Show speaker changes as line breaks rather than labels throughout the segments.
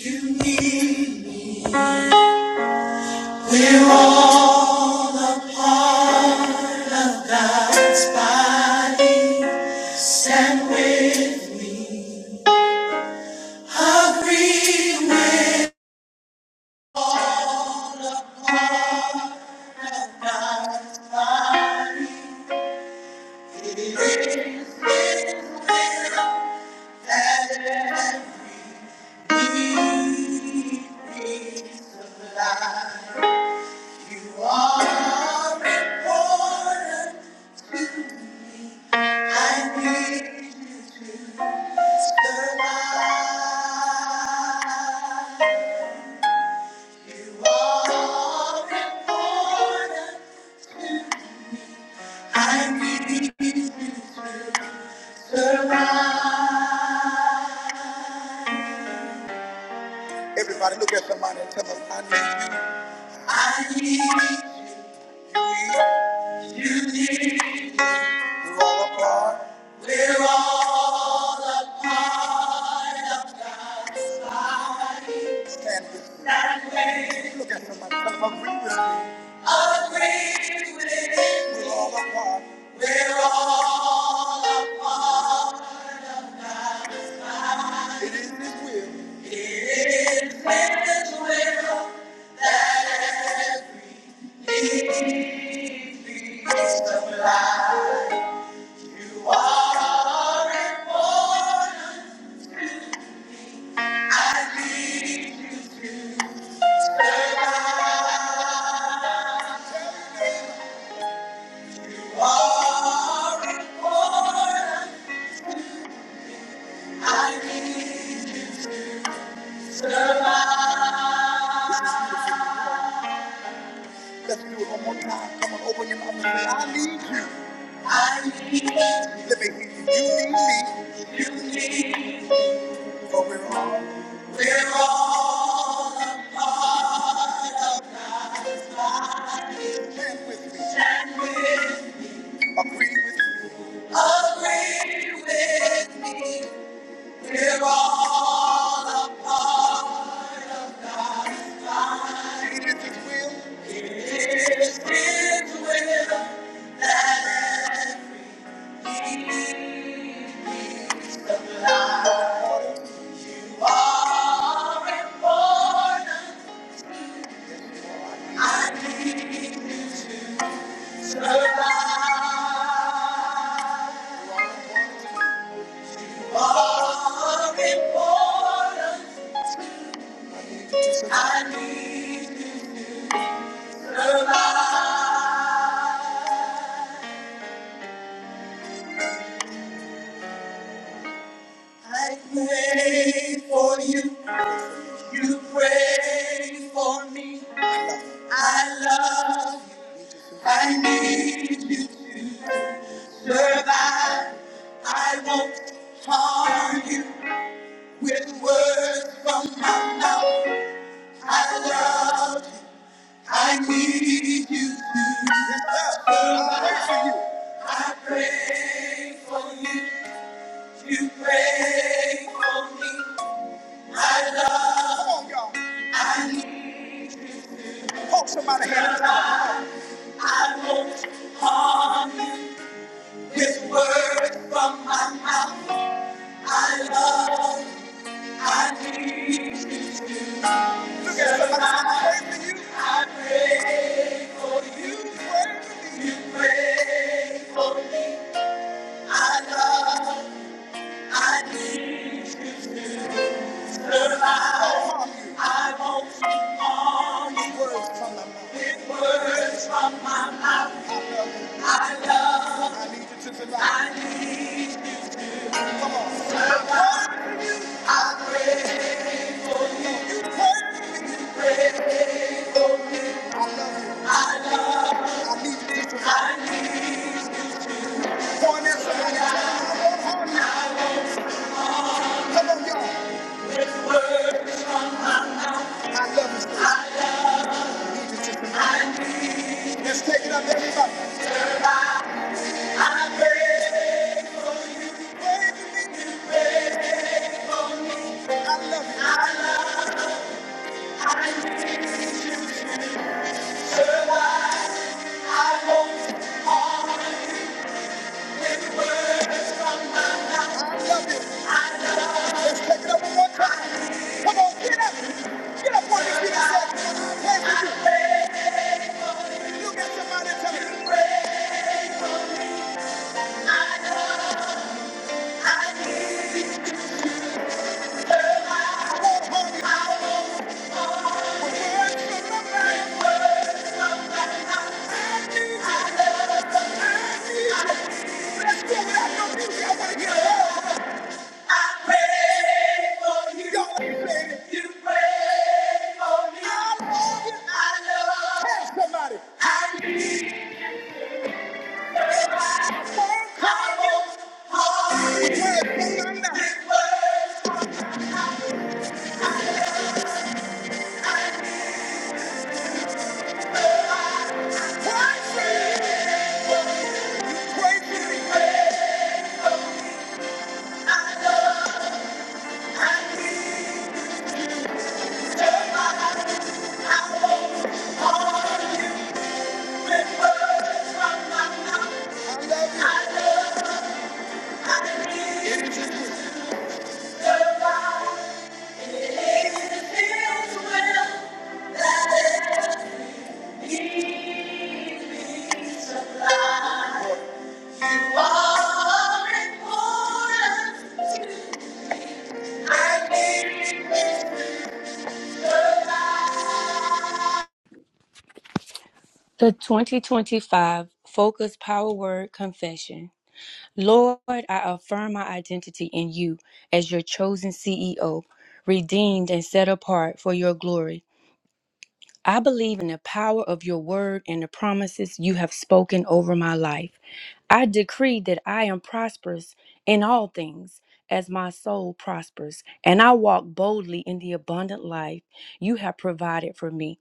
You need will I stand with agree with me. You are important. I need the light. You are important. I need the light. Everybody look at somebody and tell them I need you. I need, you need, we're all apart. We're all alive. Stand with me. That way. Look at somebody. Tell them, agree with me. Agree with me. We're all apart. We're all. It is His will. It is His will that every need be supplied. Every born Let's do it one more time. Come on, open your mouth and say, I need you. I need you. Let me hear you. You need me. You need me. For we're all. We're all. Stand with me. Agree with me. Agree with me. We're all. up. It is His will. It is His will. He Far and I need to survive. Far and I need to survive. I pray for you, you pray for me. I love you, I need you to survive. I won't harm you. With words from my mouth, I love you. I need you to. Yes, sir. I pray for you. I pray for you. You pray for me. I love. Come on, y'all. I need you. Hold somebody hand. up. I won't harm you. With words from my mouth, I love. you. I need you. to. Look at somebody, I I pray for you. You pray for me. I love, I need to survive. I will on with words from my mouth. With words from my mouth. I love, I love. I need you to survive. I need Let's take it up, everybody. I pray for you to pray for me to pray for me. I love you. I love you. I love you. I won't harm you. Somebody, I need this to survive.
The 2025 Focus Power Word Confession. Lord, I affirm my identity in you as your chosen CEO, redeemed and set apart for your glory. I believe in the power of your word and the promises you have spoken over my life. I decree that I am prosperous in all things as my soul prospers, and I walk boldly in the abundant life you have provided for me.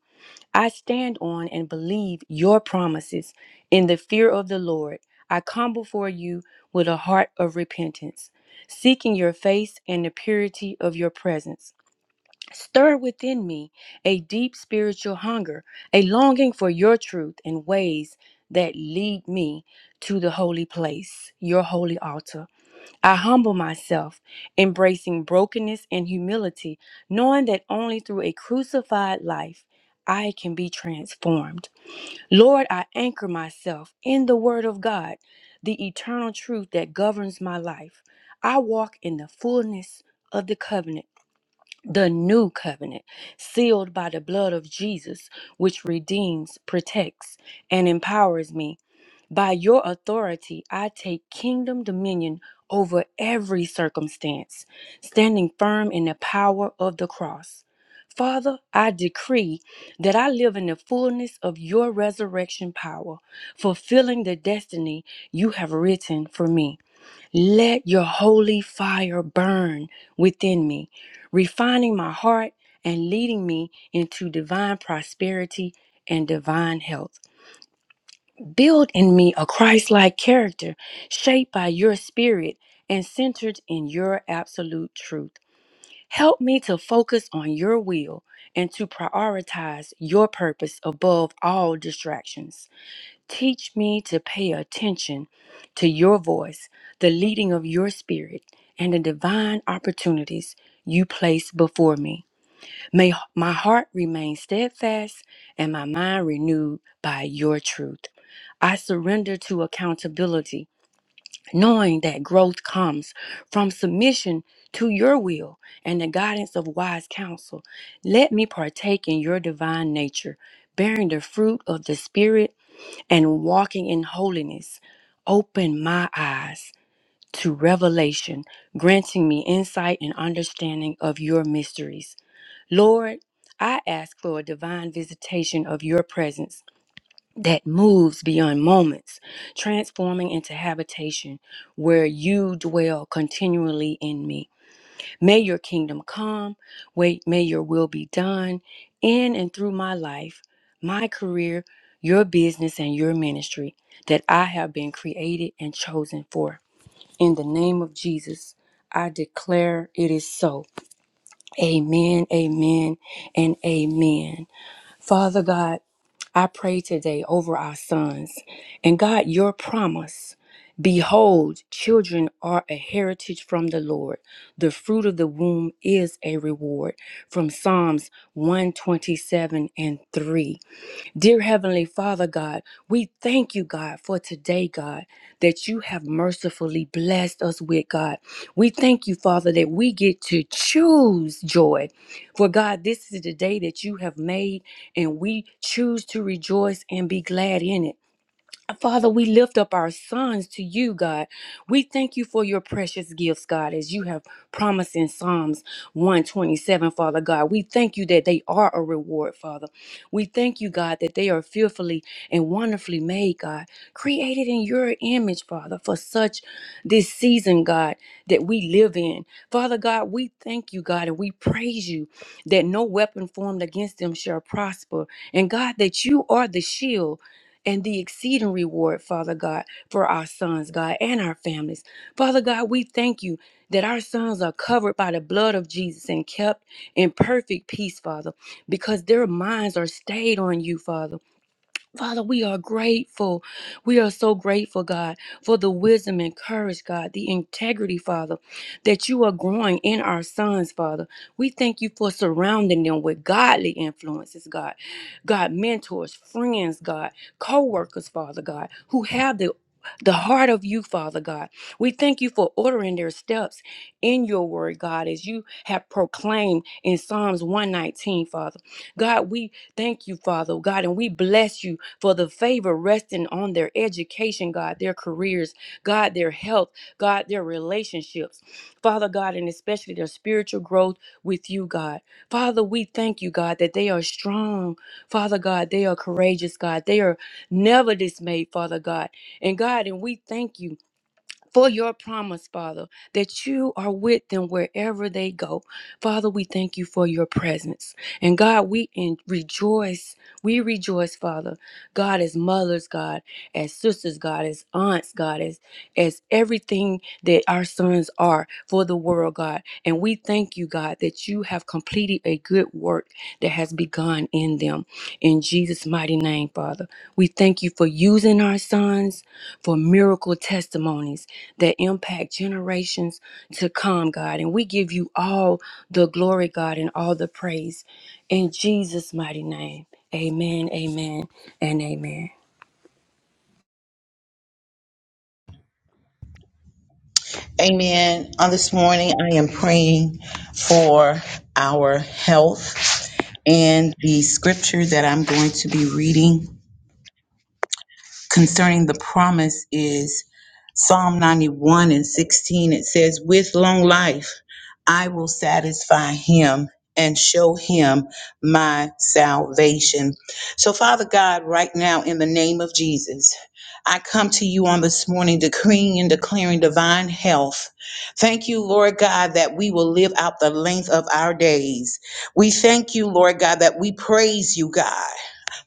I stand on and believe your promises. In the fear of the Lord, I come before you with a heart of repentance, seeking your face and the purity of your presence. Stir within me a deep spiritual hunger, a longing for your truth and ways that lead me to the holy place, your holy altar. I humble myself, embracing brokenness and humility, knowing that only through a crucified life I can be transformed. Lord, I anchor myself in the Word of God, the eternal truth that governs my life. I walk in the fullness of the covenant the new covenant, sealed by the blood of Jesus, which redeems, protects, and empowers me. By your authority, I take kingdom dominion over every circumstance, standing firm in the power of the cross. Father, I decree that I live in the fullness of your resurrection power, fulfilling the destiny you have written for me. Let your holy fire burn within me, refining my heart and leading me into divine prosperity and divine health. Build in me a Christ like character shaped by your spirit and centered in your absolute truth. Help me to focus on your will and to prioritize your purpose above all distractions. Teach me to pay attention to your voice, the leading of your spirit, and the divine opportunities you place before me. May h- my heart remain steadfast and my mind renewed by your truth. I surrender to accountability, knowing that growth comes from submission to your will and the guidance of wise counsel. Let me partake in your divine nature, bearing the fruit of the Spirit and walking in holiness, open my eyes to revelation, granting me insight and understanding of your mysteries. Lord, I ask for a divine visitation of your presence that moves beyond moments, transforming into habitation where you dwell continually in me. May your kingdom come. Wait, may your will be done in and through my life, my career, your business, and your ministry that I have been created and chosen for. In the name of Jesus, I declare it is so. Amen, amen, and amen. Father God, I pray today over our sons. And God, your promise Behold, children are a heritage from the Lord. The fruit of the womb is a reward. From Psalms 127 and 3. Dear Heavenly Father, God, we thank you, God, for today, God, that you have mercifully blessed us with, God. We thank you, Father, that we get to choose joy. For God, this is the day that you have made, and we choose to rejoice and be glad in it. Father, we lift up our sons to you, God. We thank you for your precious gifts, God, as you have promised in Psalms 127, Father God. We thank you that they are a reward, Father. We thank you, God, that they are fearfully and wonderfully made, God, created in your image, Father, for such this season, God, that we live in. Father God, we thank you, God, and we praise you that no weapon formed against them shall prosper. And God, that you are the shield and the exceeding reward, Father God, for our sons, God, and our families. Father God, we thank you that our sons are covered by the blood of Jesus and kept in perfect peace, Father, because their minds are stayed on you, Father. Father, we are grateful. We are so grateful, God, for the wisdom and courage, God, the integrity, Father, that you are growing in our sons, Father. We thank you for surrounding them with godly influences, God. God, mentors, friends, God, co workers, Father, God, who have the the heart of you, Father God. We thank you for ordering their steps in your word, God, as you have proclaimed in Psalms 119, Father. God, we thank you, Father, God, and we bless you for the favor resting on their education, God, their careers, God, their health, God, their relationships. Father God, and especially their spiritual growth with you, God. Father, we thank you, God, that they are strong. Father God, they are courageous, God. They are never dismayed, Father God. And God, and we thank you for your promise, Father, that you are with them wherever they go. Father, we thank you for your presence. And God, we in- rejoice. We rejoice, Father. God, as mothers, God, as sisters, God, as aunts, God, as, as everything that our sons are for the world, God. And we thank you, God, that you have completed a good work that has begun in them. In Jesus' mighty name, Father, we thank you for using our sons for miracle testimonies that impact generations to come, God. And we give you all the glory, God, and all the praise. In Jesus' mighty name, amen, amen, and amen.
Amen. On this morning, I am praying for our health. And the scripture that I'm going to be reading concerning the promise is Psalm 91 and 16. It says, With long life I will satisfy him and show him my salvation. So, Father God, right now, in the name of Jesus, I come to you on this morning decreeing and declaring divine health. Thank you, Lord God, that we will live out the length of our days. We thank you, Lord God, that we praise you, God.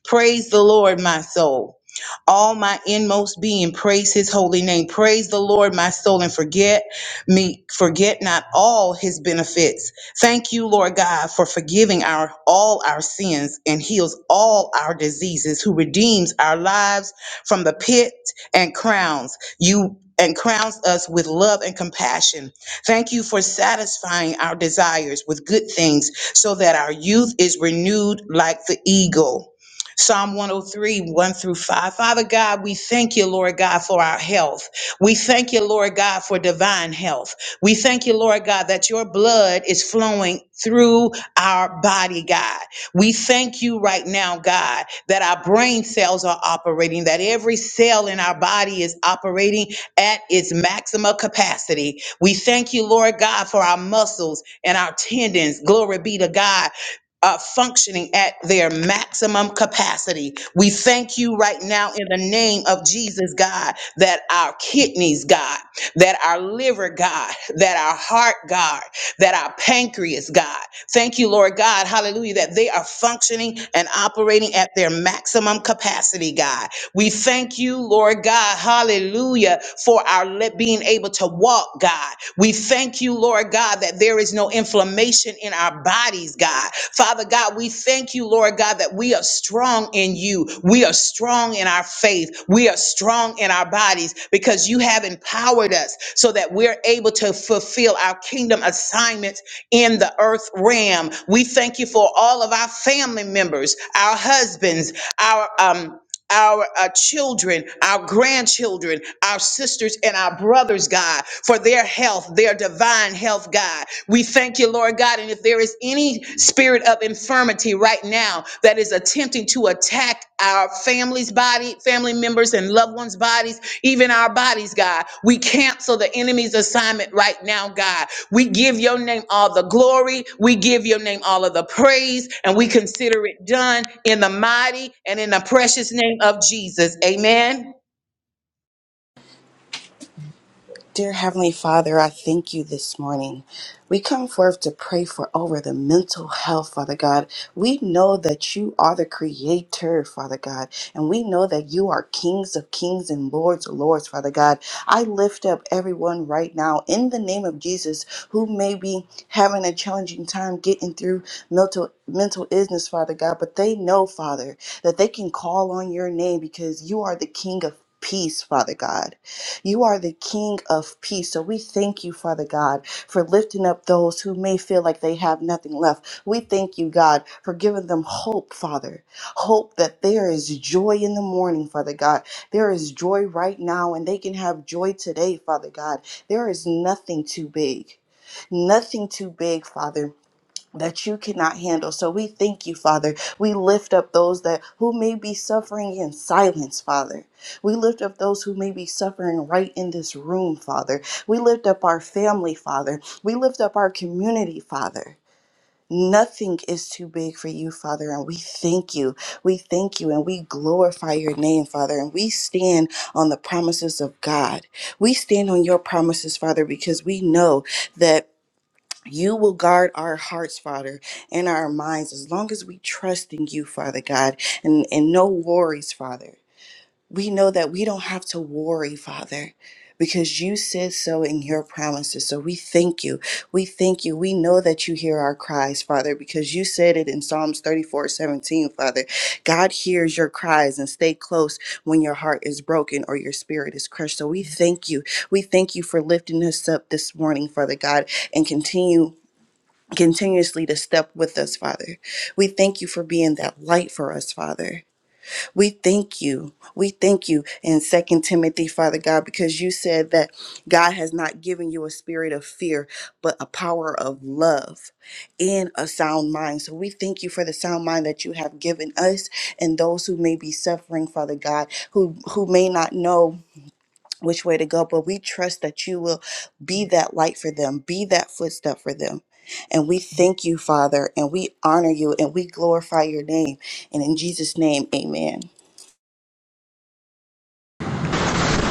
Praise the Lord, my soul. All my inmost being, praise his holy name. Praise the Lord, my soul, and forget me, forget not all his benefits. Thank you, Lord God, for forgiving our all our sins and heals all our diseases, who redeems our lives from the pit and crowns you and crowns us with love and compassion. Thank you for satisfying our desires with good things so that our youth is renewed like the eagle. Psalm 103, 1 through 5. Father God, we thank you, Lord God, for our health. We thank you, Lord God, for divine health. We thank you, Lord God, that your blood is flowing through our body, God. We thank you right now, God, that our brain cells are operating, that every cell in our body is operating at its maximum capacity. We thank you, Lord God, for our muscles and our tendons. Glory be to God uh, functioning at their maximum capacity. We thank you right now in the name of Jesus, God, that our kidneys, God, that our liver, God, that our heart, God, that our pancreas, God. Thank you, Lord God, hallelujah, that they are functioning and operating at their maximum capacity, God. We thank you, Lord God, hallelujah, for our le- being able to walk, God. We thank you, Lord God, that there is no inflammation in our bodies, God. Father God, we thank you, Lord God, that we are strong in you. We are strong in our faith. We are strong in our bodies because you have empowered us so that we're able to fulfill our kingdom assignments in the earth realm. We thank you for all of our family members, our husbands, our um our uh, children, our grandchildren, our sisters, and our brothers, God, for their health, their divine health, God. We thank you, Lord God. And if there is any spirit of infirmity right now that is attempting to attack our family's body, family members, and loved ones' bodies, even our bodies, God, we cancel the enemy's assignment right now, God. We give your name all the glory. We give your name all of the praise, and we consider it done in the mighty and in the precious name of Jesus. Amen.
Dear Heavenly Father, I thank you this morning. We come forth to pray for over the mental health, Father God. We know that you are the creator, Father God, and we know that you are kings of kings and lords of lords, Father God. I lift up everyone right now in the name of Jesus who may be having a challenging time getting through mental mental illness, Father God, but they know, Father, that they can call on your name because you are the king of peace, Father God. You are the King of peace. So we thank you, Father God, for lifting up those who may feel like they have nothing left. We thank you, God, for giving them hope, Father. Hope that there is joy in the morning, Father God. There is joy right now, and they can have joy today, Father God. There is nothing too big. Nothing too big, Father that you cannot handle. So we thank you, Father. We lift up those that who may be suffering in silence, Father. We lift up those who may be suffering right in this room, Father. We lift up our family, Father. We lift up our community, Father. Nothing is too big for you, Father, and we thank you. We thank you and we glorify your name, Father, and we stand on the promises of God. We stand on your promises, Father, because we know that you will guard our hearts, Father, and our minds as long as we trust in you, Father God, and, and no worries, Father. We know that we don't have to worry, Father, because you said so in your promises. So we thank you. We thank you. We know that you hear our cries, Father, because you said it in Psalms 34 17, Father. God hears your cries and stay close when your heart is broken or your spirit is crushed. So we thank you. We thank you for lifting us up this morning, Father God, and continue continuously to step with us, Father. We thank you for being that light for us, Father. We thank you. We thank you in Second Timothy, Father God, because you said that God has not given you a spirit of fear, but a power of love and a sound mind. So we thank you for the sound mind that you have given us and those who may be suffering, Father God, who who may not know which way to go, but we trust that you will be that light for them, be that footstep for them. And we thank you, Father, and we honor you and we glorify your name. And in Jesus' name, amen.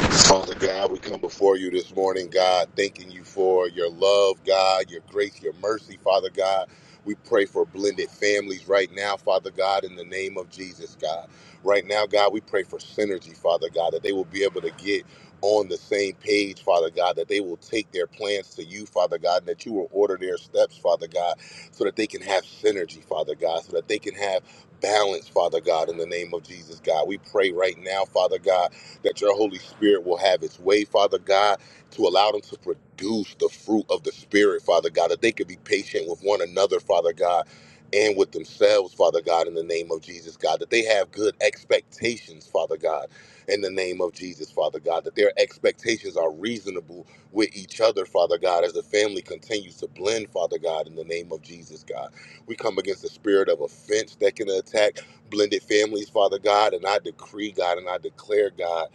Father God, we come before you this morning, God, thanking you for your love, God, your grace, your mercy, Father God. We pray for blended families right now, Father God, in the name of Jesus, God. Right now, God, we pray for synergy, Father God, that they will be able to get on the same page, Father God, that they will take their plans to you, Father God, and that you will order their steps, Father God, so that they can have synergy, Father God, so that they can have balance, Father God, in the name of Jesus, God. We pray right now, Father God that your Holy Spirit will have its way, Father God, to allow them to produce the fruit of the Spirit, Father God, that they could be patient with one another, Father God. And with themselves, Father God, in the name of Jesus, God, that they have good expectations, Father God, in the name of Jesus, Father God, that their expectations are reasonable with each other, Father God, as the family continues to blend, Father God, in the name of Jesus, God. We come against the spirit of offense that can attack blended families, Father God, and I decree, God, and I declare, God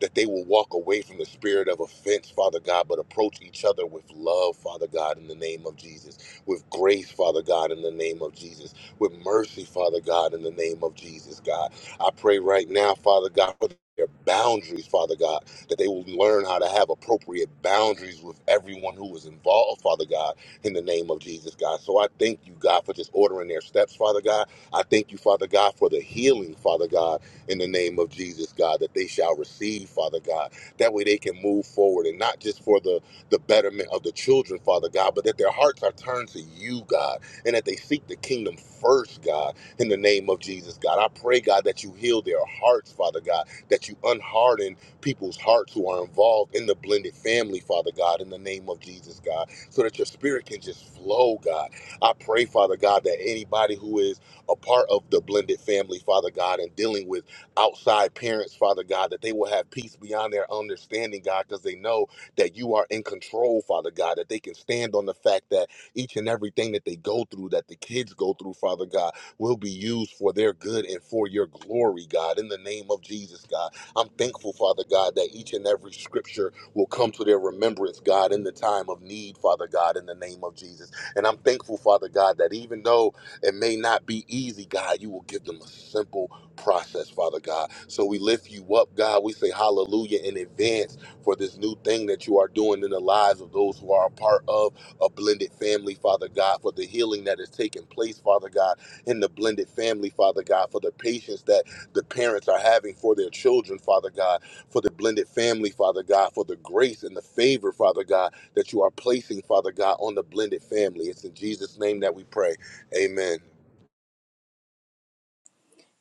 that they will walk away from the spirit of offense, Father God, but approach each other with love, Father God, in the name of Jesus, with grace, Father God, in the name of Jesus, with mercy, Father God, in the name of Jesus, God. I pray right now, Father God, for their boundaries, Father God, that they will learn how to have appropriate boundaries with everyone who was involved, Father God, in the name of Jesus, God. So I thank you, God, for just ordering their steps, Father God. I thank you, Father God, for the healing, Father God in the name of Jesus, God, that they shall receive, Father God. That way they can move forward and not just for the, the betterment of the children, Father God, but that their hearts are turned to you, God, and that they seek the kingdom first, God, in the name of Jesus, God. I pray, God, that you heal their hearts, Father God, that you unharden people's hearts who are involved in the blended family, Father God, in the name of Jesus, God, so that your spirit can just flow, God. I pray, Father God, that anybody who is a part of the blended family, Father God, and dealing with outside parents, Father God, that they will have peace beyond their understanding, God, because they know that you are in control, Father God, that they can stand on the fact that each and everything that they go through, that the kids go through, Father God, will be used for their good and for your glory, God, in the name of Jesus, God. I'm thankful, Father God, that each and every scripture will come to their remembrance, God, in the time of need, Father God, in the name of Jesus. And I'm thankful, Father God, that even though it may not be easy, God, you will give them a simple process, Father God. So we lift you up, God. We say hallelujah in advance for this new thing that you are doing in the lives of those who are a part of a blended family, Father God, for the healing that is taking place, Father God, in the blended family, Father God, for the patience that the parents are having for their children, Father God, for the blended family, Father God, for the grace and the favor, Father God, that you are placing, Father God, on the blended family. It's in Jesus' name that we pray. Amen.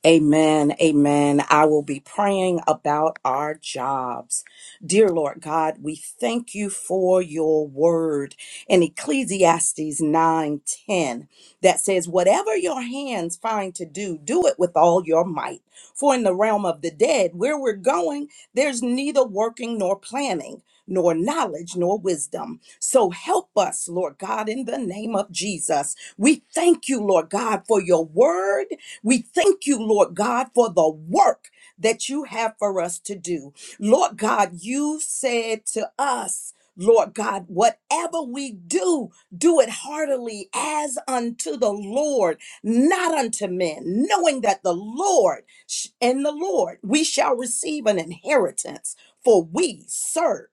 Amen. Amen. I will be praying about our jobs. Dear Lord God, we thank you for your word in Ecclesiastes 9:10 that says, Whatever your hands find to do, do it with all your might. For in the realm of the dead, where we're going, there's neither working nor planning. Nor knowledge nor wisdom. So help us, Lord God, in the name of Jesus. We thank you, Lord God, for your word we thank you, Lord God, for the work that you have for us to do. Lord God, you said to us, Lord God, whatever we do, do it heartily as unto the Lord, not unto men, knowing that the Lord sh- and the Lord we shall receive an inheritance, for we serve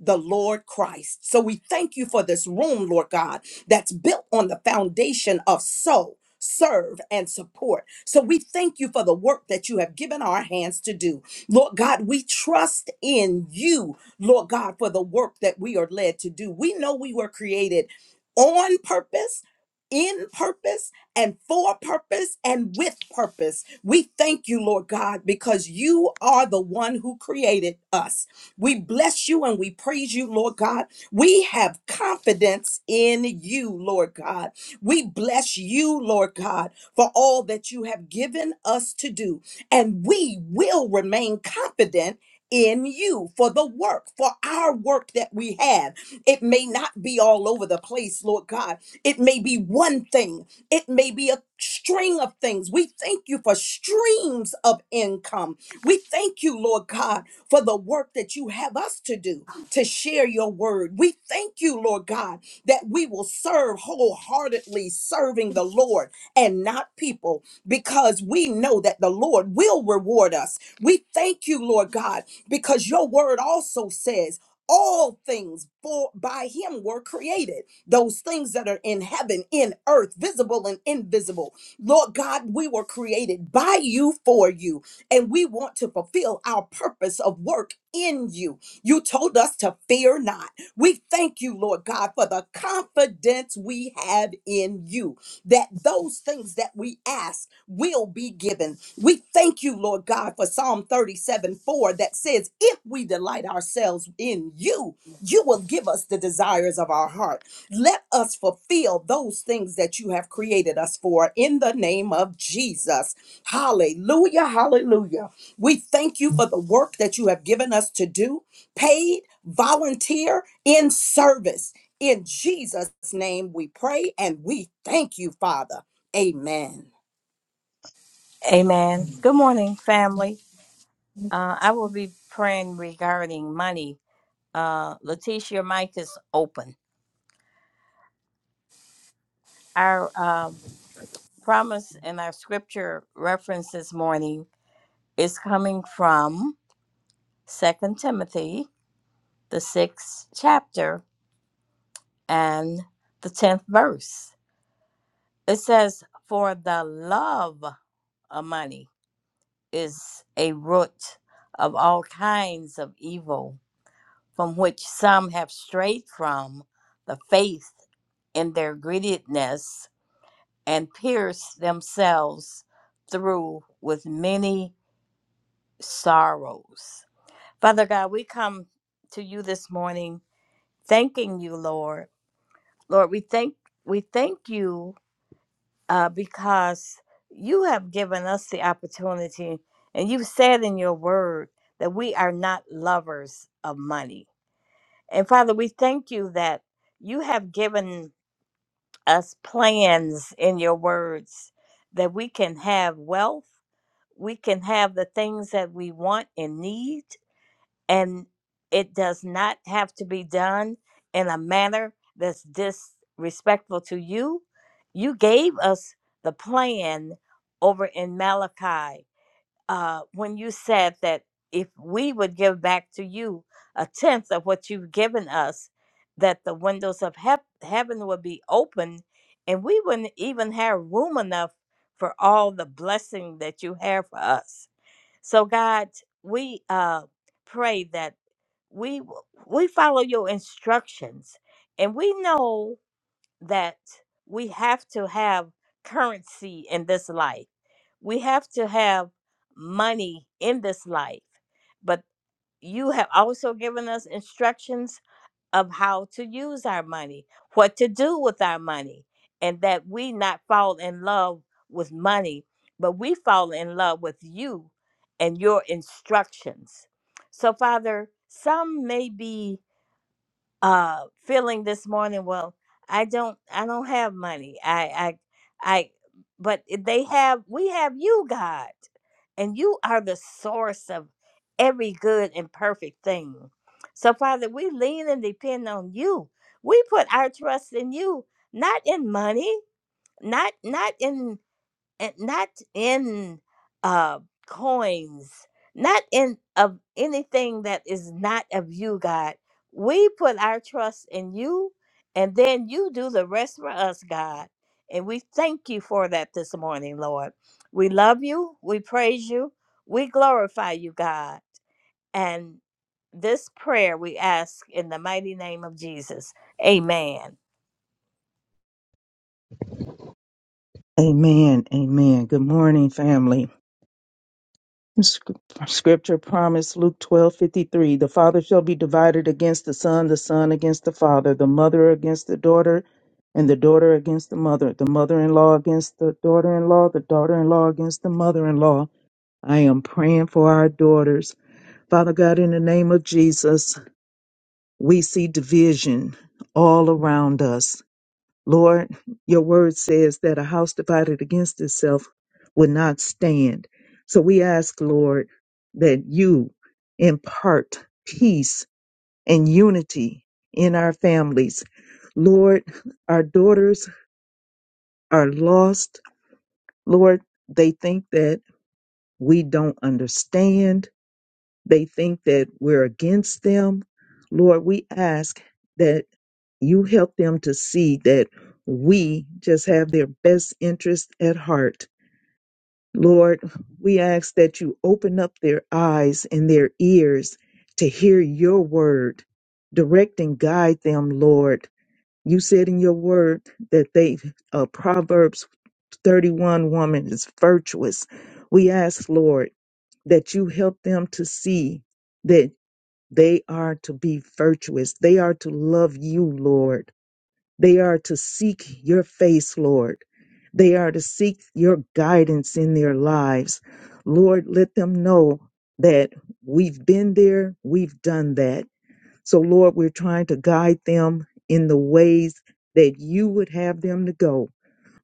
the Lord Christ. So we thank you for this room, Lord God, that's built on the foundation of sow, serve, and support. So we thank you for the work that you have given our hands to do. Lord God, we trust in you, Lord God, for the work that we are led to do. We know we were created on purpose. In purpose and for purpose and with purpose. We thank you, Lord God, because you are the one who created us. We bless you and we praise you, Lord God. We have confidence in you, Lord God. We bless you, Lord God, for all that you have given us to do. And we will remain confident in you for the work, for our work that we have. It may not be all over the place, Lord God. It may be one thing, it may be a string of things. We thank you for streams of income. We thank you, Lord God for the work that you have us to do to share your word. We thank you, Lord God, that we will serve wholeheartedly, serving the Lord and not people, because we know that the Lord will reward us. We thank you, Lord God, because your word also says, all things for by him were created those things that are in heaven in earth visible and invisible lord god we were created by you for you and we want to fulfill our purpose of work in you. You told us to fear not. We thank you, Lord God, for the confidence we have in you that those things that we ask will be given. We thank you, Lord God, for Psalm 37 4 that says, If we delight ourselves in you, you will give us the desires of our heart. Let us fulfill those things that you have created us for in the name of Jesus. Hallelujah, hallelujah. We thank you for the work that you have given us to do, paid, volunteer, in service. In Jesus' name we pray and we thank you, Father. Amen.
Amen. Good morning, family. Uh, I will be praying regarding money. Uh, Letitia, your mic is open. Our um, promise and our scripture reference this morning is coming from Second Timothy, the sixth chapter, and the 10th verse. It says, For the love of money is a root of all kinds of evil from which some have strayed from the faith in their greediness and pierced themselves through with many sorrows. Father God, we come to you this morning thanking you, Lord. Lord, we thank we thank you uh, because you have given us the opportunity and you've said in your word that we are not lovers of money And Father, we thank you that you have given us plans in your words that we can have wealth, we can have the things that we want and need, and it does not have to be done in a manner that's disrespectful to you. You gave us the plan over in Malachi uh, when you said that if we would give back to you a tenth of what you've given us, that the windows of hep heaven would be open and we wouldn't even have room enough for all the blessing that you have for us. So, God, we uh, pray that we w- we follow your instructions and we know that we have to have currency in this life. We have to have money in this life. But you have also given us instructions of how to use our money, what to do with our money, and that we not fall in love with money, but we fall in love with you and your instructions. So, Father, some may be uh feeling this morning well i don't i don't have money i i i but they have we have you god and you are the source of every good and perfect thing so father we lean and depend on you we put our trust in you not in money not not in and not in uh coins not in of anything that is not of you god we put our trust in you and then you do the rest for us god and we thank you for that this morning lord we love you we praise you we glorify you god and this prayer we ask in the mighty name of jesus amen
Amen. Amen. Good morning, family. Sc- Scripture promise Luke twelve fifty three. The father shall be divided against the son, the son against the father, the mother against the daughter, and the daughter against the mother, the mother in law against the daughter in law, the daughter in law against the mother in law. I am praying for our daughters. Father God, in the name of Jesus, we see division all around us Lord, your word says that a house divided against itself would not stand. So we ask, Lord, that you impart peace and unity in our families. Lord, our daughters are lost. Lord, they think that we don't understand. They think that we're against them. Lord, we ask that you help them to see that we just have their best interest at heart. Lord, we ask that you open up their eyes and their ears to hear your word. Direct and guide them, Lord. You said in your word that they, uh, Proverbs 31 woman is virtuous. We ask, Lord, that you help them to see that they are to be virtuous. They are to love you, Lord they are to seek your face, Lord. They are to seek your guidance in their lives. Lord, let them know that we've been there, we've done that. So, Lord, we're trying to guide them in the ways that you would have them to go.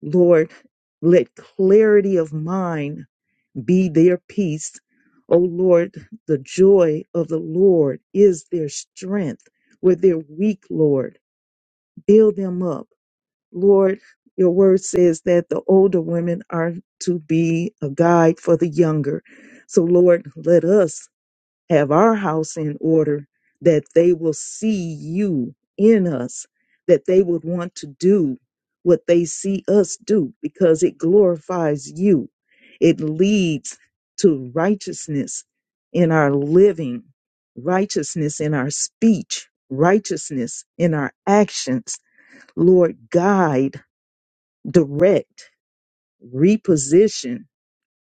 Lord, let clarity of mind be their peace. Oh Lord, the joy of the Lord is their strength. Where they're weak, Lord, build them up Lord, your word says that the older women are to be a guide for the younger. So, Lord, let us have our house in order that they will see you in us, that they would want to do what they see us do because it glorifies you. It leads to righteousness in our living, righteousness in our speech, righteousness in our actions. Lord, guide direct, reposition,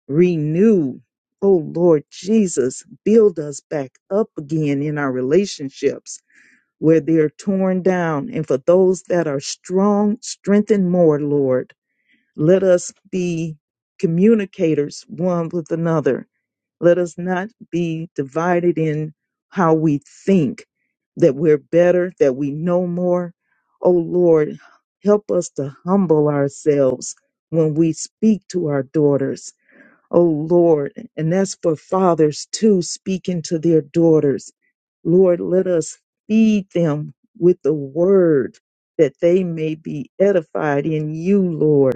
renew. Oh Lord Jesus, build us back up again in our relationships where they're torn down. And for those that are strong, strengthen more, Lord. Let us be communicators one with another let us not be divided in how we think that we're better, that we know more. Oh Lord, help us to humble ourselves when we speak to our daughters. Oh Lord, and that's for fathers too, speaking to their daughters. Lord, let us feed them with the word that they may be edified in you, Lord.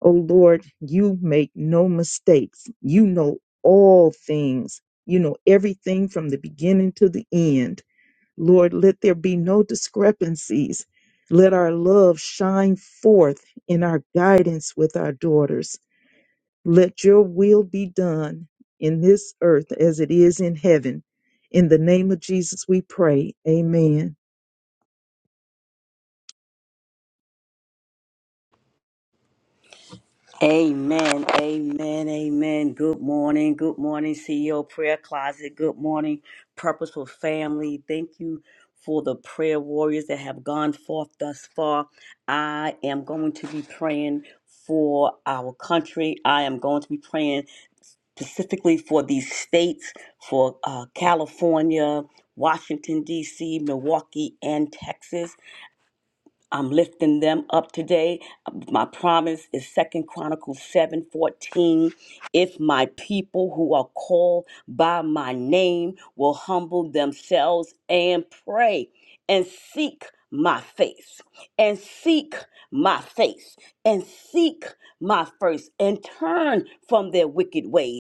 O Lord, you make no mistakes. You know all things. You know everything from the beginning to the end. Lord, let there be no discrepancies. Let our love shine forth in our guidance with our daughters. Let your will be done in this earth as it is in heaven. In the name of Jesus, we pray. Amen.
Amen, amen, amen. Good morning, good morning, CEO Prayer Closet. Good morning, Purposeful Family. Thank you for the prayer warriors that have gone forth thus far. I am going to be praying for our country. I am going to be praying specifically for these states, for uh, California, Washington, D.C., Milwaukee, and Texas. I'm lifting them up today. My promise is Second Chronicles 7 14. If my people who are called by my name will humble themselves and pray and seek my face and seek my face and seek my face and turn from their wicked ways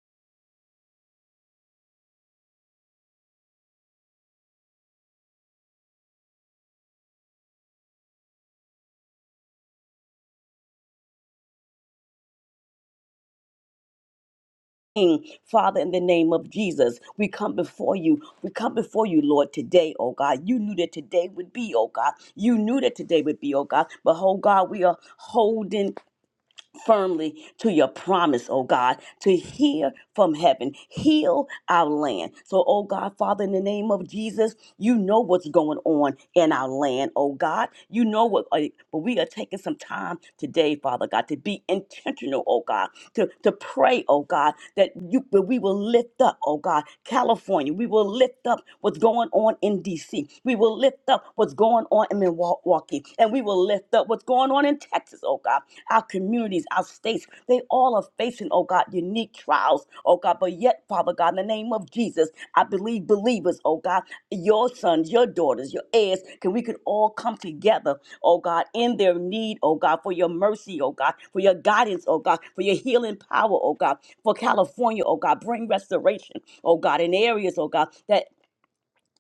Father, in the name of Jesus, we come before you. We come before you, Lord, today, oh God. You knew that today would be, oh God. You knew that today would be, oh God. But, oh God, we are holding firmly to your promise, oh God, to hear from heaven, heal our land. So, oh God, Father, in the name of Jesus, you know what's going on in our land, oh God. You know what, uh, but we are taking some time today, Father God, to be intentional, oh God, to, to pray, oh God, that you that we will lift up, oh God, California. We will lift up what's going on in DC. We will lift up what's going on in Milwaukee. Milwaukee, and we will lift up what's going on in Texas, oh God. Our communities, our states, they all are facing, oh God, unique trials, oh God. But yet, Father God, in the name of Jesus, I believe believers, oh God, your sons, your daughters, your heirs, can we could all come together, oh God, in their need, oh God, for your mercy, oh God, for your guidance, oh God, for your healing power, oh God, for California, oh God, bring restoration, oh God, in areas, oh God, that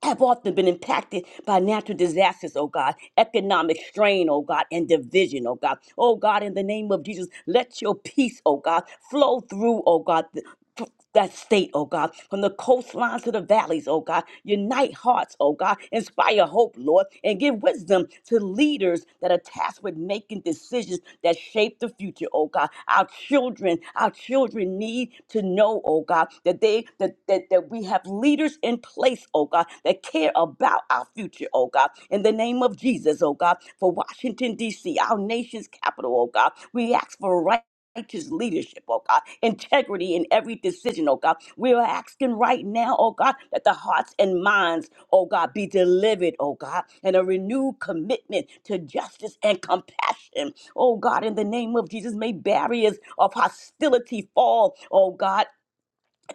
have often been impacted by natural disasters, oh God, economic strain, oh God, and division, oh God. Oh God, in the name of Jesus, let your peace, oh God, flow through, oh God. th- th- that state, oh God, from the coastlines to the valleys, oh God, unite hearts, oh God, inspire hope, Lord, and give wisdom to leaders that are tasked with making decisions that shape the future, oh God. Our children, our children need to know, oh God, that they that that, that we that we have leaders in place, oh God, that care about our future, oh God. In the name of Jesus, oh God, for Washington, D.C., our nation's capital, oh God, we ask for right righteous leadership, oh God, integrity in every decision, oh God. We are asking right now, oh God, that the hearts and minds, oh God, be delivered, oh God, and a renewed commitment to justice and compassion, oh God, in the name of Jesus. May barriers of hostility fall, oh God,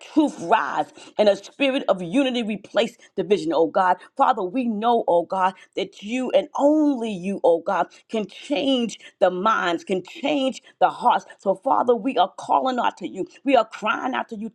truth rise and a spirit of unity replace division, oh God. Father, we know, oh God, that you and only you, oh God, can change the minds, can change the hearts. So, Father, we are calling out to you. We are crying out to you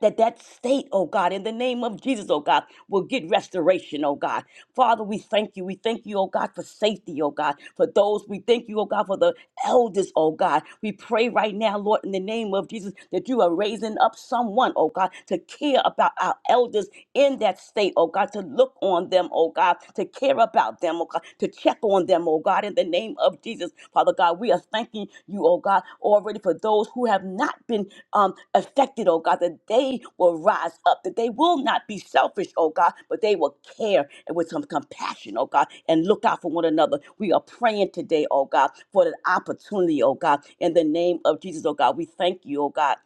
that that state, oh God, in the name of Jesus, oh God, will get restoration, oh God. Father, we thank you. We thank you, oh God, for safety, oh God, for those. We thank you, oh God, for the elders, oh God. We pray right now, Lord, in the name of Jesus, that you are raising up someone, oh God, to care about our elders in that state, oh God, to look on them, oh God, to care about them, oh God, to to check on them, oh God, in the name of Jesus. Father God, we are thanking you, oh God, already for those who have not been um, affected, oh God, that they will rise up, that they will not be selfish, oh God, but they will care and with some compassion, oh God, and look out for one another. We are praying today, oh God, for the opportunity, oh God, in the name of Jesus, oh God. We thank you, oh God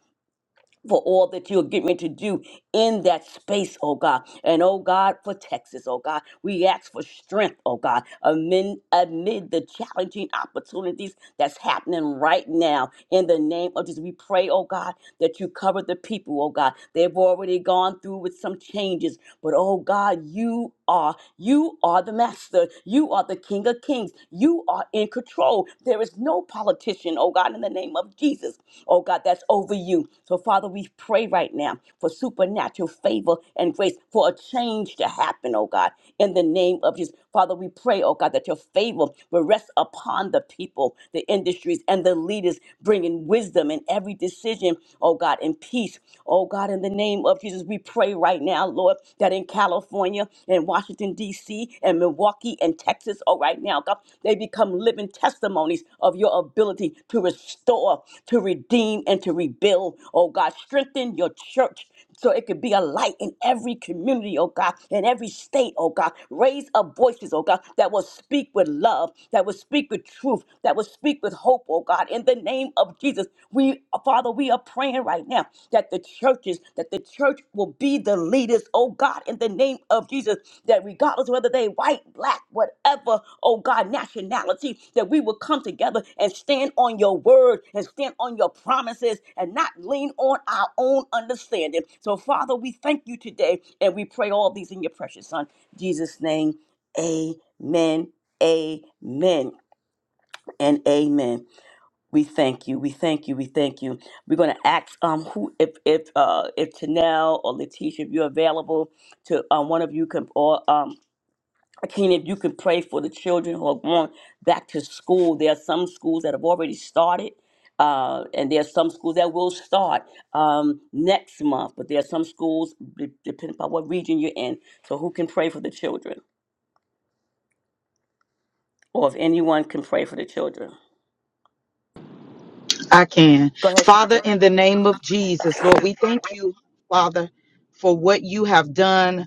for all that you're getting ready to do in that space, oh God. And oh God, for Texas, oh God. We ask for strength, oh God, amid, amid the challenging opportunities that's happening right now. In the name of Jesus, we pray, oh God, that you cover the people, oh God. They've already gone through with some changes, but oh God, you are, you are the master. You are the King of Kings. You are in control control. There is no politician, oh God, in the name of Jesus, oh God, that's over you. So, Father, we pray right now for supernatural favor and grace for a change to happen, oh God, in the name of Jesus. Father, we pray, oh God, that your favor will rest upon the people, the industries, and the leaders, bringing wisdom in every decision, oh God, and peace, oh God, in the name of Jesus. We pray right now, Lord, that in California, California and Washington, D.C., and Milwaukee and Texas, oh, right now, God, they become living testimonies of your ability to restore, to redeem, and to rebuild. Oh, God, strengthen your church so it could be a light in every community, oh God, in every state, oh God. Raise up voices, oh God, that will speak with love, that will speak with truth, that will speak with hope, oh God. In the name of Jesus, we, Father, we are praying praying right now that the churches, that the church will be the leaders, oh God, in the name of Jesus, that regardless of whether they white, black, whatever, oh God, nationality, that we will come together and stand on your word and stand on your promises and not lean on our own understanding. So, Father, we thank you today and we pray all these in your precious Son, Jesus' name. Amen. Amen and amen. We thank you. We thank you. We thank you. We're going to ask um who if if uh if Tanel or Letitia if you're available to um one of you can or um Akina if you can pray for the children who are going back to school. There are some schools that have already started. Uh, and there are some schools that will start um, next month, but there are some schools, de- depending upon what region you're in. So, who can pray for the children? Or if anyone can pray for the children?
I can.
Go ahead,
Father,
Sandra.
in the name of Jesus, Lord, we thank you, Father, for what you have done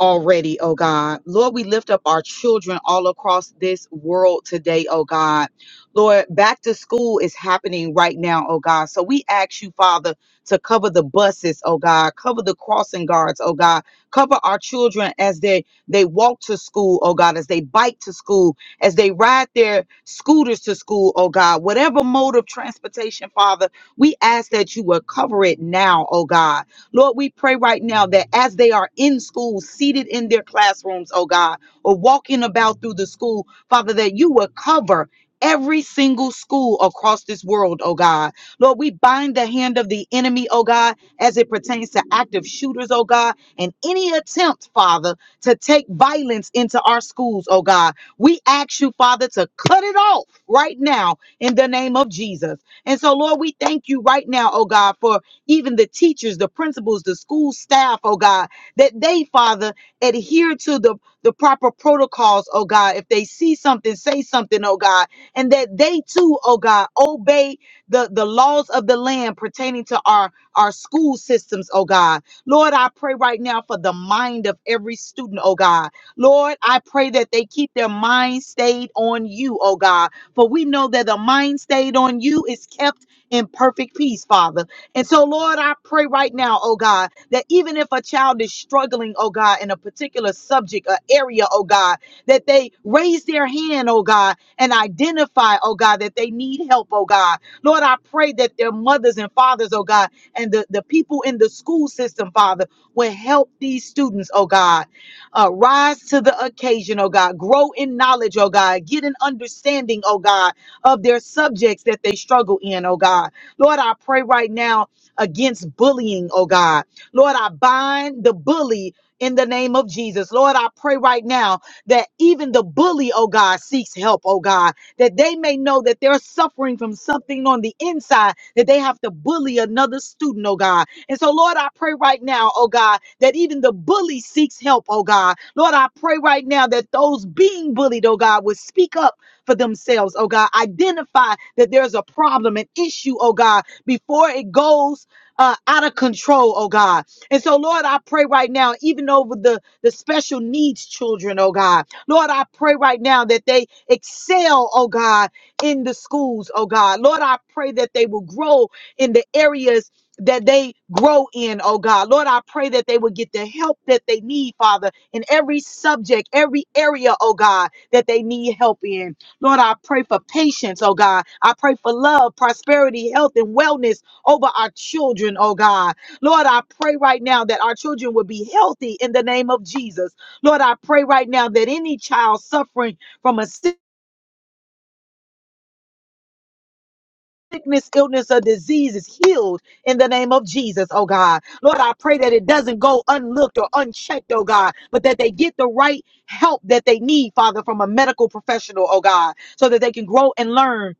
already, oh God. Lord, we lift up our children all across this world today, oh God. Lord, back to school is happening right now, oh God. So we ask you, Father, to cover the buses, oh God, cover the crossing guards, oh God, cover our children as they they walk to school, oh God, as they bike to school, as they ride their scooters to school, oh God. Whatever mode of transportation, Father, we ask that you would cover it now, oh God. Lord, we pray right now that as they are in school, seated in their classrooms, oh God, or walking about through the school, Father, that you will cover every single school across this world, oh God. Lord, we bind the hand of the enemy, oh God, as it pertains to active shooters, oh God, and any attempt, Father, to take violence into our schools, oh God. We ask you, Father, to cut it off right now in the name of Jesus. And so, Lord, we thank you right now, oh God, for even the teachers, the principals, the school staff, oh God, that they, Father, adhere to the, the proper protocols, oh God. If they see something, say something, oh God, and that they too, oh God, obey the, the laws of the land pertaining to our, our school systems, oh God. Lord, I pray right now for the mind of every student, oh God. Lord, I pray that they keep their mind stayed on you, oh God. For we know that the mind stayed on you is kept in perfect peace, Father. And so, Lord, I pray right now, oh God, that even if a child is struggling, oh God, in a particular subject or area, oh God, that they raise their hand, oh God, and identify, oh God, that they need help, oh God. Lord, I pray that their mothers and fathers, oh God, and the, the people in the school system, Father, will help these students, oh God, uh, rise to the occasion, oh God, grow in knowledge, oh God, get an understanding, oh God, of their subjects that they struggle in, oh God. Lord, I pray right now against bullying, oh God. Lord, I bind the bully in the name of Jesus. Lord, I pray right now that even the bully, oh God, seeks help, oh God, that they may know that they're suffering from something on the inside, that they have to bully another student, oh God. And so, Lord, I pray right now, oh God, that even the bully seeks help, oh God. Lord, I pray right now that those being bullied, oh God, would speak up for themselves, oh God. Identify that there's a problem, an issue, oh God, before it goes uh, out of control, oh God. And so, Lord, I pray right now, even over the, the special needs children, oh God. Lord, I pray right now that they excel, oh God, in the schools, oh God. Lord, I pray that they will grow in the areas that they grow in, oh God. Lord, I pray that they will get the help that they need, Father, in every subject, every area, oh God, that they need help in. Lord, I pray for patience, oh God. I pray for love, prosperity, health, and wellness over our children, oh God. Lord, I pray right now that our children will be healthy in the name of Jesus. Lord, I pray right now that any child suffering from a Sickness, illness, or disease is healed in the name of Jesus, oh God. Lord, I pray that it doesn't go unlooked or unchecked, oh God, but that they get the right help that they need, Father, from a medical professional, oh God, so that they can grow and learn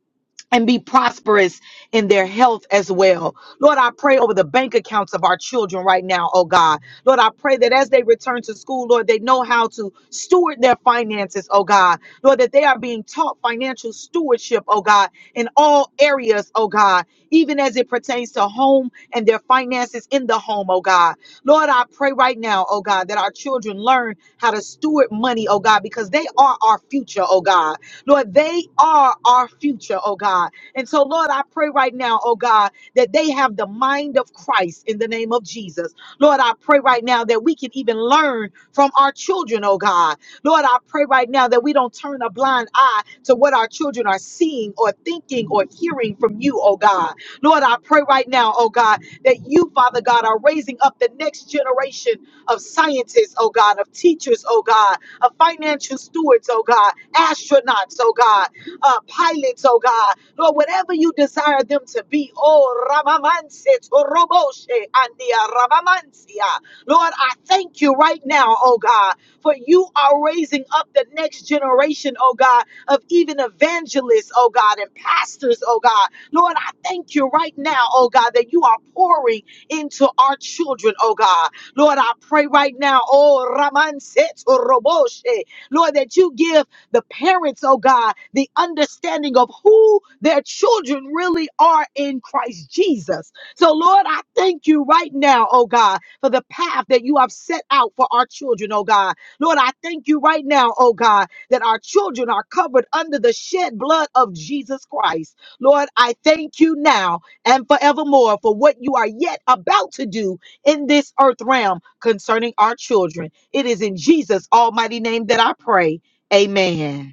and be prosperous in their health as well. Lord, I pray over the bank accounts of our children right now, oh God. Lord, I pray that as they return to school, Lord, they know how to steward their finances, oh God. Lord, that they are being taught financial stewardship, oh God, in all areas, oh God, even as it pertains to home and their finances in the home, oh God. Lord, I pray right now, oh God, that our children learn how to steward money, oh God, because they are our future, oh God. Lord, they are our future, oh God. And so, Lord, I pray right now, oh God, that they have the mind of Christ in the name of Jesus. Lord, I pray right now that we can even learn from our children, oh God. Lord, I pray right now that we don't turn a blind eye to what our children are seeing or thinking or hearing from you, oh God. Lord, I pray right now, oh God, that you, Father God, are raising up the next generation of scientists, oh God, of teachers, oh God, of financial stewards, oh God, astronauts, oh God, uh, pilots, oh God, Lord, whatever you desire them to be, oh Ramamanse, Toroboshe, Andia Ramamansia. Lord, I thank you right now, oh God, for you are raising up the next generation, oh God, of even evangelists, oh God, and pastors, oh God. Lord, I thank you right now, oh God, that you are pouring into our children, oh God. Lord, I pray right now, oh Raman Seto Roboshe, Lord, that you give the parents, oh God, the understanding of who their children really are in Christ Jesus. So, Lord, I thank you right now, oh God, for the path that you have set out for our children, oh God. Lord, I thank you right now, oh God, that our children are covered under the shed blood of Jesus Christ. Lord, I thank you now and forevermore for what you are yet about to do in this earth realm concerning our children. It is in Jesus' almighty name that I pray. Amen.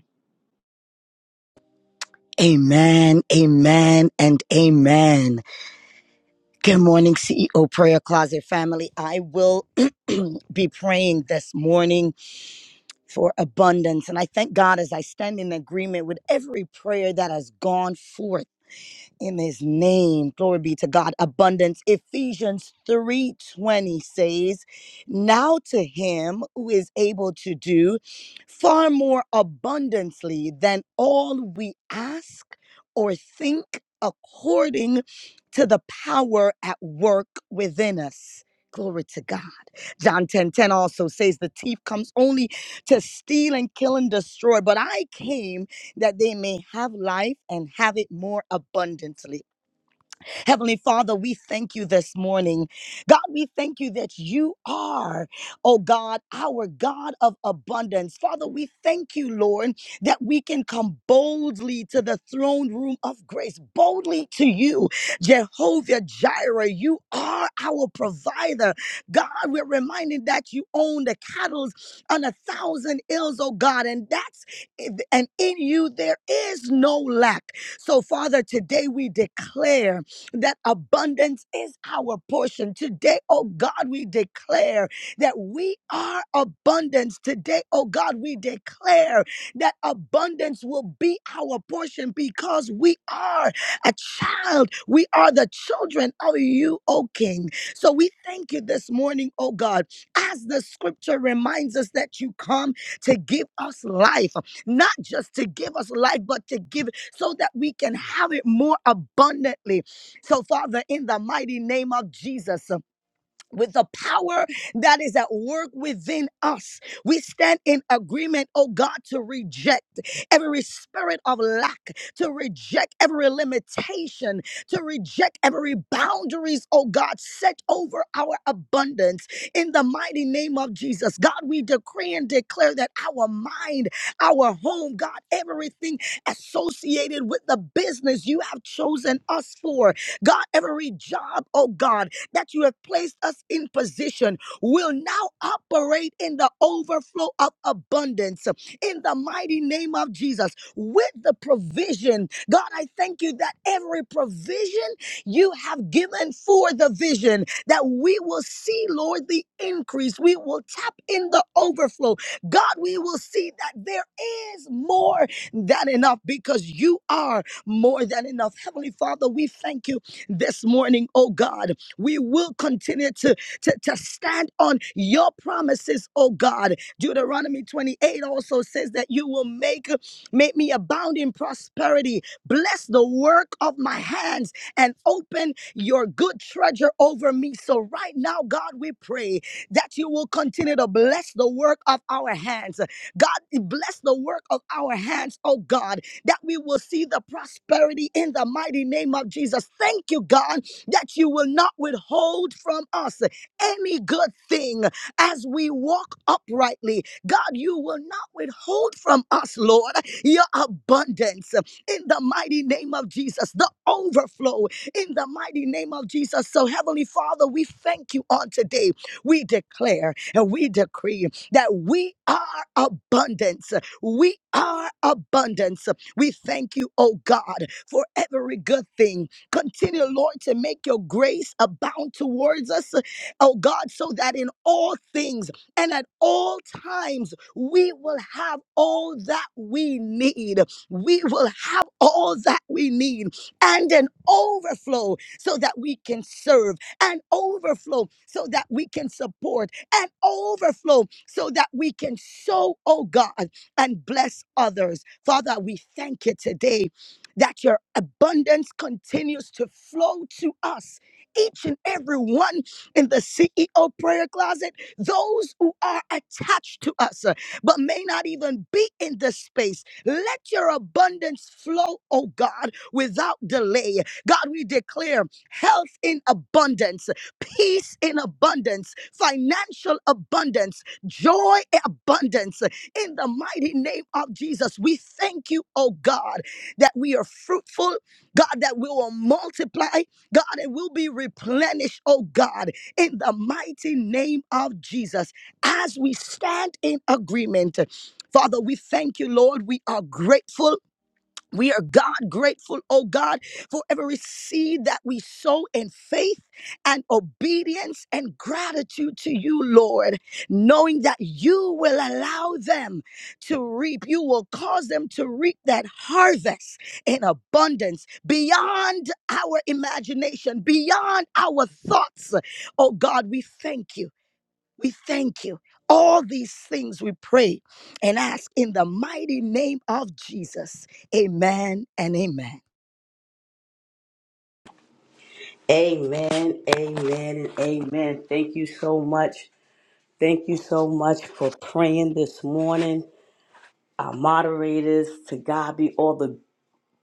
Amen, amen, and amen. Good morning, CEO Prayer Closet family. I will be praying this morning for abundance. And I thank God as I stand in agreement with every prayer that has gone forth in his name glory be to god abundance ephesians 3:20 says now to him who is able to do far more abundantly than all we ask or think according to the power at work within us glory to god john 10 10 also says the thief comes only to steal and kill and destroy but i came that they may have life and have it more abundantly. Heavenly Father, we thank you this morning. God, we thank you that you are, oh God, our God of abundance. Father, we thank you, Lord, that we can come boldly to the throne room of grace, boldly to you, Jehovah Jireh. You are our provider. God, we're reminded that you own the cattle on a thousand hills, oh God, and that's and in you there is no lack. So, Father, today we declare that abundance is our portion. Today, oh God, we declare that we are abundance. Today, oh God, we declare that abundance will be our portion because we are a child. We are the children of you, O King. So we thank you this morning, O God, as the scripture reminds us that you come to give us life, not just to give us life, but to give so that we can have it more abundantly. So, Father, in the mighty name of Jesus, with the power that is at work within us. We stand in agreement, oh God, to reject every spirit of lack, to reject every limitation, to reject every boundaries, oh God, set over our abundance in the mighty name of Jesus. God, we decree and declare that our mind, our home, God, everything associated with the business you have chosen us for, God, every job, oh God, that you have placed us in position will now operate in the overflow of abundance in the mighty name of Jesus with the provision. God, I thank you that every provision you have given for the vision that we will see, Lord, the increase. We will tap in the overflow. God, we will see that there is more than enough because you are more than enough. Heavenly Father, we thank you this morning, oh God. We will continue to, to, to stand on your promises, oh God. Deuteronomy 28 also says that you will make, make me abound in prosperity. Bless the work of my hands and open your good treasure over me. So right now, God, we pray that you will continue to bless the work of our hands. God, bless the work of our hands, oh God, that we will see the prosperity in the mighty name of Jesus. Thank you, God that you will not withhold from us any good thing as we walk uprightly. God, you will not withhold from us, Lord, your abundance in the mighty name of Jesus, the overflow in the mighty name of Jesus. So, Heavenly Father, we thank you on today. We declare and we decree that we are abundance. We are abundance. We thank you, oh God, for every good thing Continue, Lord, to make your grace abound towards us, oh God, so that in all things and at all times we will have all that we need. We will have all that we need and an overflow so that we can serve, an overflow so that we can support, an overflow so that we can sow, oh God, and bless others. Father, we thank you today that your abundance continues to flow to us, each and every one in the CEO prayer closet, those who are attached to us, uh, but may not even be in this space. Let your abundance flow, oh God, without delay. God, we declare health in abundance, peace in abundance, financial abundance, joy in abundance. In the mighty name of Jesus, we thank you, oh God that we are fruitful, God, that we will multiply, God, and we'll be replenished, oh God, in the mighty name of Jesus as we stand in agreement. Father, we thank you, Lord. We are grateful. We are God grateful, oh God, for every seed that we sow in faith and obedience and gratitude to you, Lord, knowing that you will allow them to reap. You will cause them to reap that harvest in abundance beyond our imagination, beyond our thoughts. Oh God, we thank you. We thank you. All these things we pray and ask in the mighty name of Jesus. Amen and amen.
Amen, amen, and amen. Thank you so much. Thank you so much for praying this morning. Our moderators, to God be all the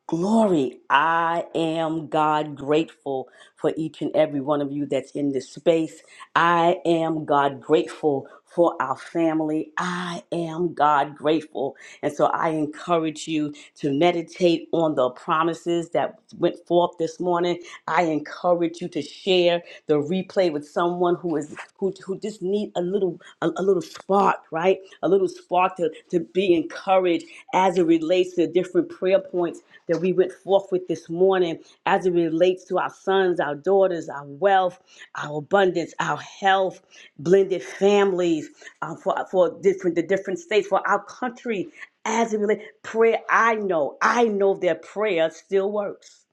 Glory, I am God grateful for each and every one of you that's in this space. I am God grateful for our family. I am God grateful. And so I encourage you to meditate on the promises that went forth this morning. I encourage you to share the replay with someone who is who, who just need a little little a, a little spark, right? A little spark to, to be encouraged as it relates to different prayer points that we went forth with this morning, as it relates to our sons, our daughters, our wealth, our abundance, our health, blended families, uh, for for different the different states, for our country, as it relates prayer. I know, I know their prayer still works.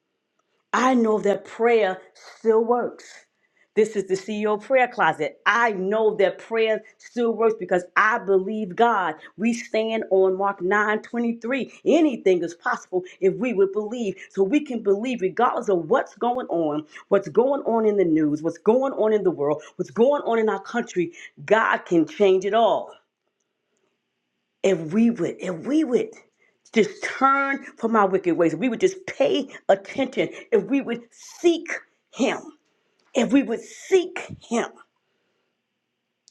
I know that prayer still works. This is the CEO prayer closet. I know that prayer still works because I believe God. We stand on Mark 9 23. Anything is possible if we would believe. So we can believe regardless of what's going on, what's going on in the news, what's going on in the world, what's going on in our country. God can change it all if we would, if we would just turn from our wicked ways, if we would just pay attention, if we would seek Him, if we would seek Him,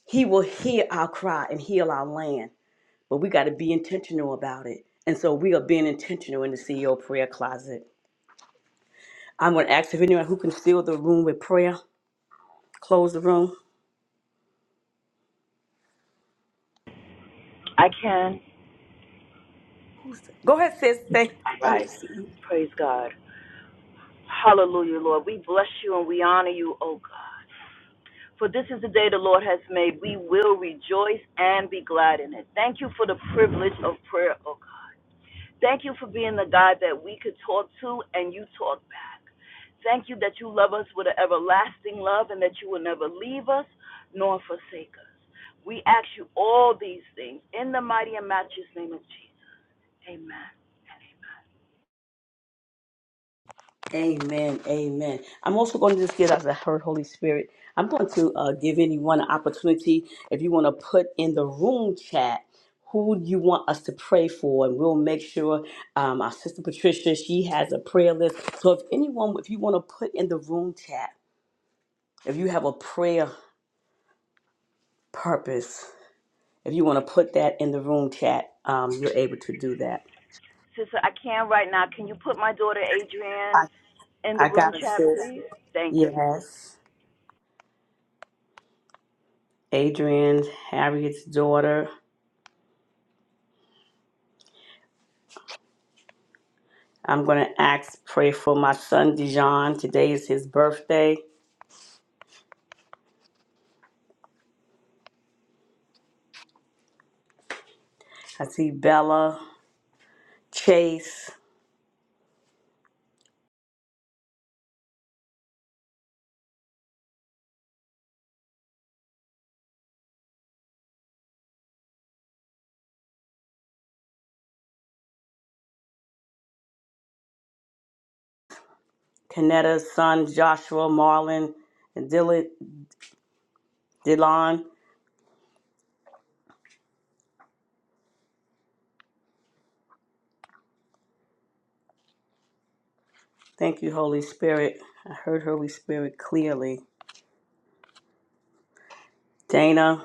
He will hear our cry and heal our land. But we got to be intentional about it. And so we are being intentional in the CEO prayer closet. I'm going to ask if anyone who can seal the room with prayer, close the room.
I can.
Go ahead, sis. Thank
rise. Praise God. Hallelujah, Lord. We bless you and we honor you, oh God. For this is the day the Lord has made. We will rejoice and be glad in it. Thank you for the privilege of prayer, oh God. Thank you for being the God that we could talk to and you talk back. Thank you that you love us with an everlasting love and that you will never leave us nor forsake us. We ask you all these things in the mighty and matchless name of Jesus. Amen. and Amen.
Amen. Amen. I'm also going to just give as I heard Holy Spirit. I'm going to uh, give anyone an opportunity if you want to put in the room chat who you want us to pray for, and we'll make sure um, our sister Patricia she has a prayer list. So if anyone, if you want to put in the room chat, if you have a prayer purpose, if you want to put that in the room chat, um, you're able to do that.
Sister, I can right now. Can you put my daughter Adrienne
I
in the
I
room
got it,
chat,
sis.
please? Thank you.
Yes, Adrian, Harriet's daughter. I'm going to ask, pray for my son Dijon. Today is his birthday. I see Bella, Chase, Kanetta's son Joshua, Marlon, and Dil- Dylan. Thank you, Holy Spirit. I heard Holy Spirit clearly. Dana,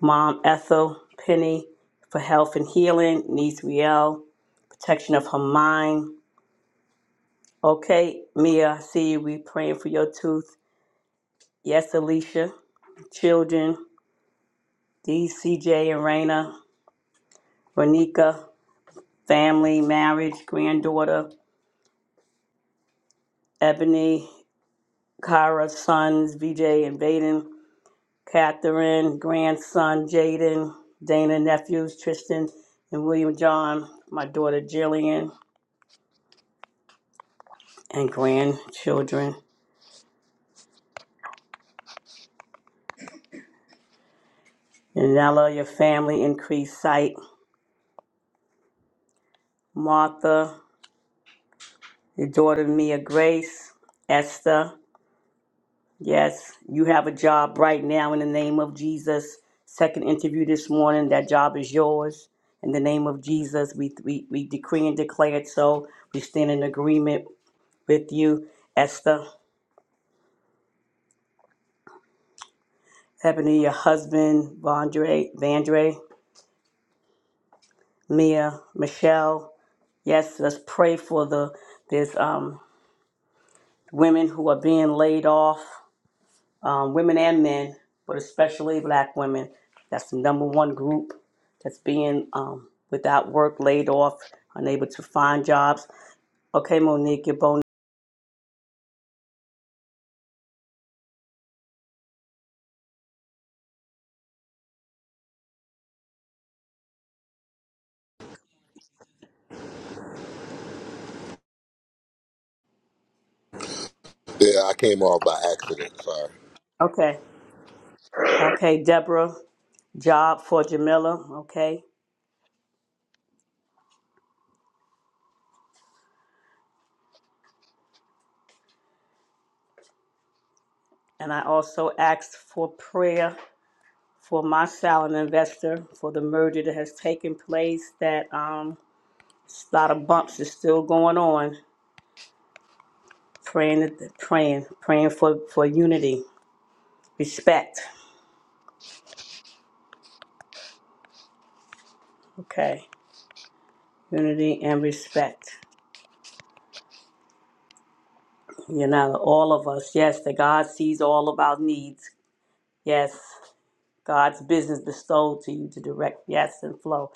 Mom Ethel, Penny, for health and healing. Niece Riel, protection of her mind. Okay, Mia, I see you. We praying for your tooth. Yes, Alicia, children, DCJ and Raina. Renika, family, marriage, granddaughter, Ebony, Kara, sons, VJ and Vaden, Catherine, grandson, Jaden, Dana, nephews, Tristan and William John, my daughter Jillian, and grandchildren. Yanela, your family, increased sight. Martha, your daughter Mia Grace, Esther, Yes, you have a job right now in the name of Jesus. Second interview this morning, that job is yours. In the name of Jesus, we, we, we decree and declare it so. We stand in agreement with you, Esther, Ebony, your husband, Vondre, Vandre, Mia, Michelle. Yes, let's pray for the there's um, women who are being laid off. um, women and men, but especially black women. That's the number one group that's being um, without work, laid off, unable to find jobs. Okay, Monique, your bone.
Yeah, I came off by accident. Sorry.
Okay. Okay, Deborah, job for Jamila. Okay. And I also asked for prayer for my silent investor for the merger that has taken place that um, a lot of bumps is still going on. Praying, praying, praying for, for unity, respect. Okay. unity and respect. You know, all of us. Yes, that God sees all of our needs. Yes, God's business bestowed to you to direct. Yes, and flow.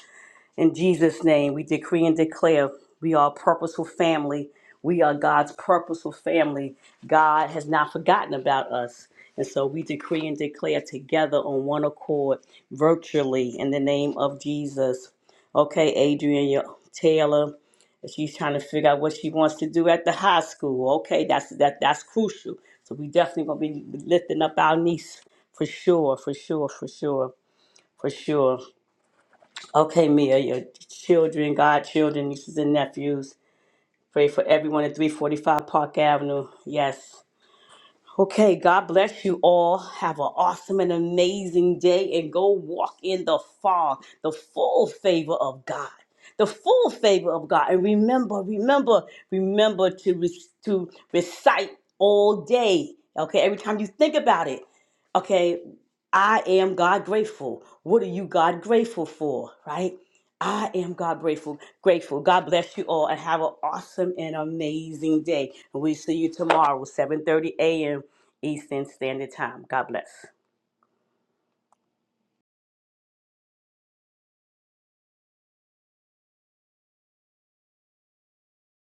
In Jesus' name, we decree and declare we are a purposeful family. We are God's purposeful family. God has not forgotten about us. And so we decree and declare together on one accord, virtually, in the name of Jesus. Okay, Adrian your- Taylor, she's trying to figure out what she wants to do at the high school. Okay, that's that that's crucial. So we definitely gonna be lifting up our niece for sure, for sure, for sure, for sure. Okay, Mia, your children, godchildren, nieces and nephews. Pray for everyone at 345 Park Avenue. Yes. Okay, God bless you all. Have an awesome and amazing day and go walk in the fog, the full favor of God. The full favor of God. And remember, remember, remember to, re- to recite all day. Okay, every time you think about it. Okay, I am God grateful. What are you God grateful for? Right? I am God grateful, grateful. God bless you all and have an awesome and amazing day. And we see you tomorrow, 7:30 a.m. Eastern Standard Time. God bless.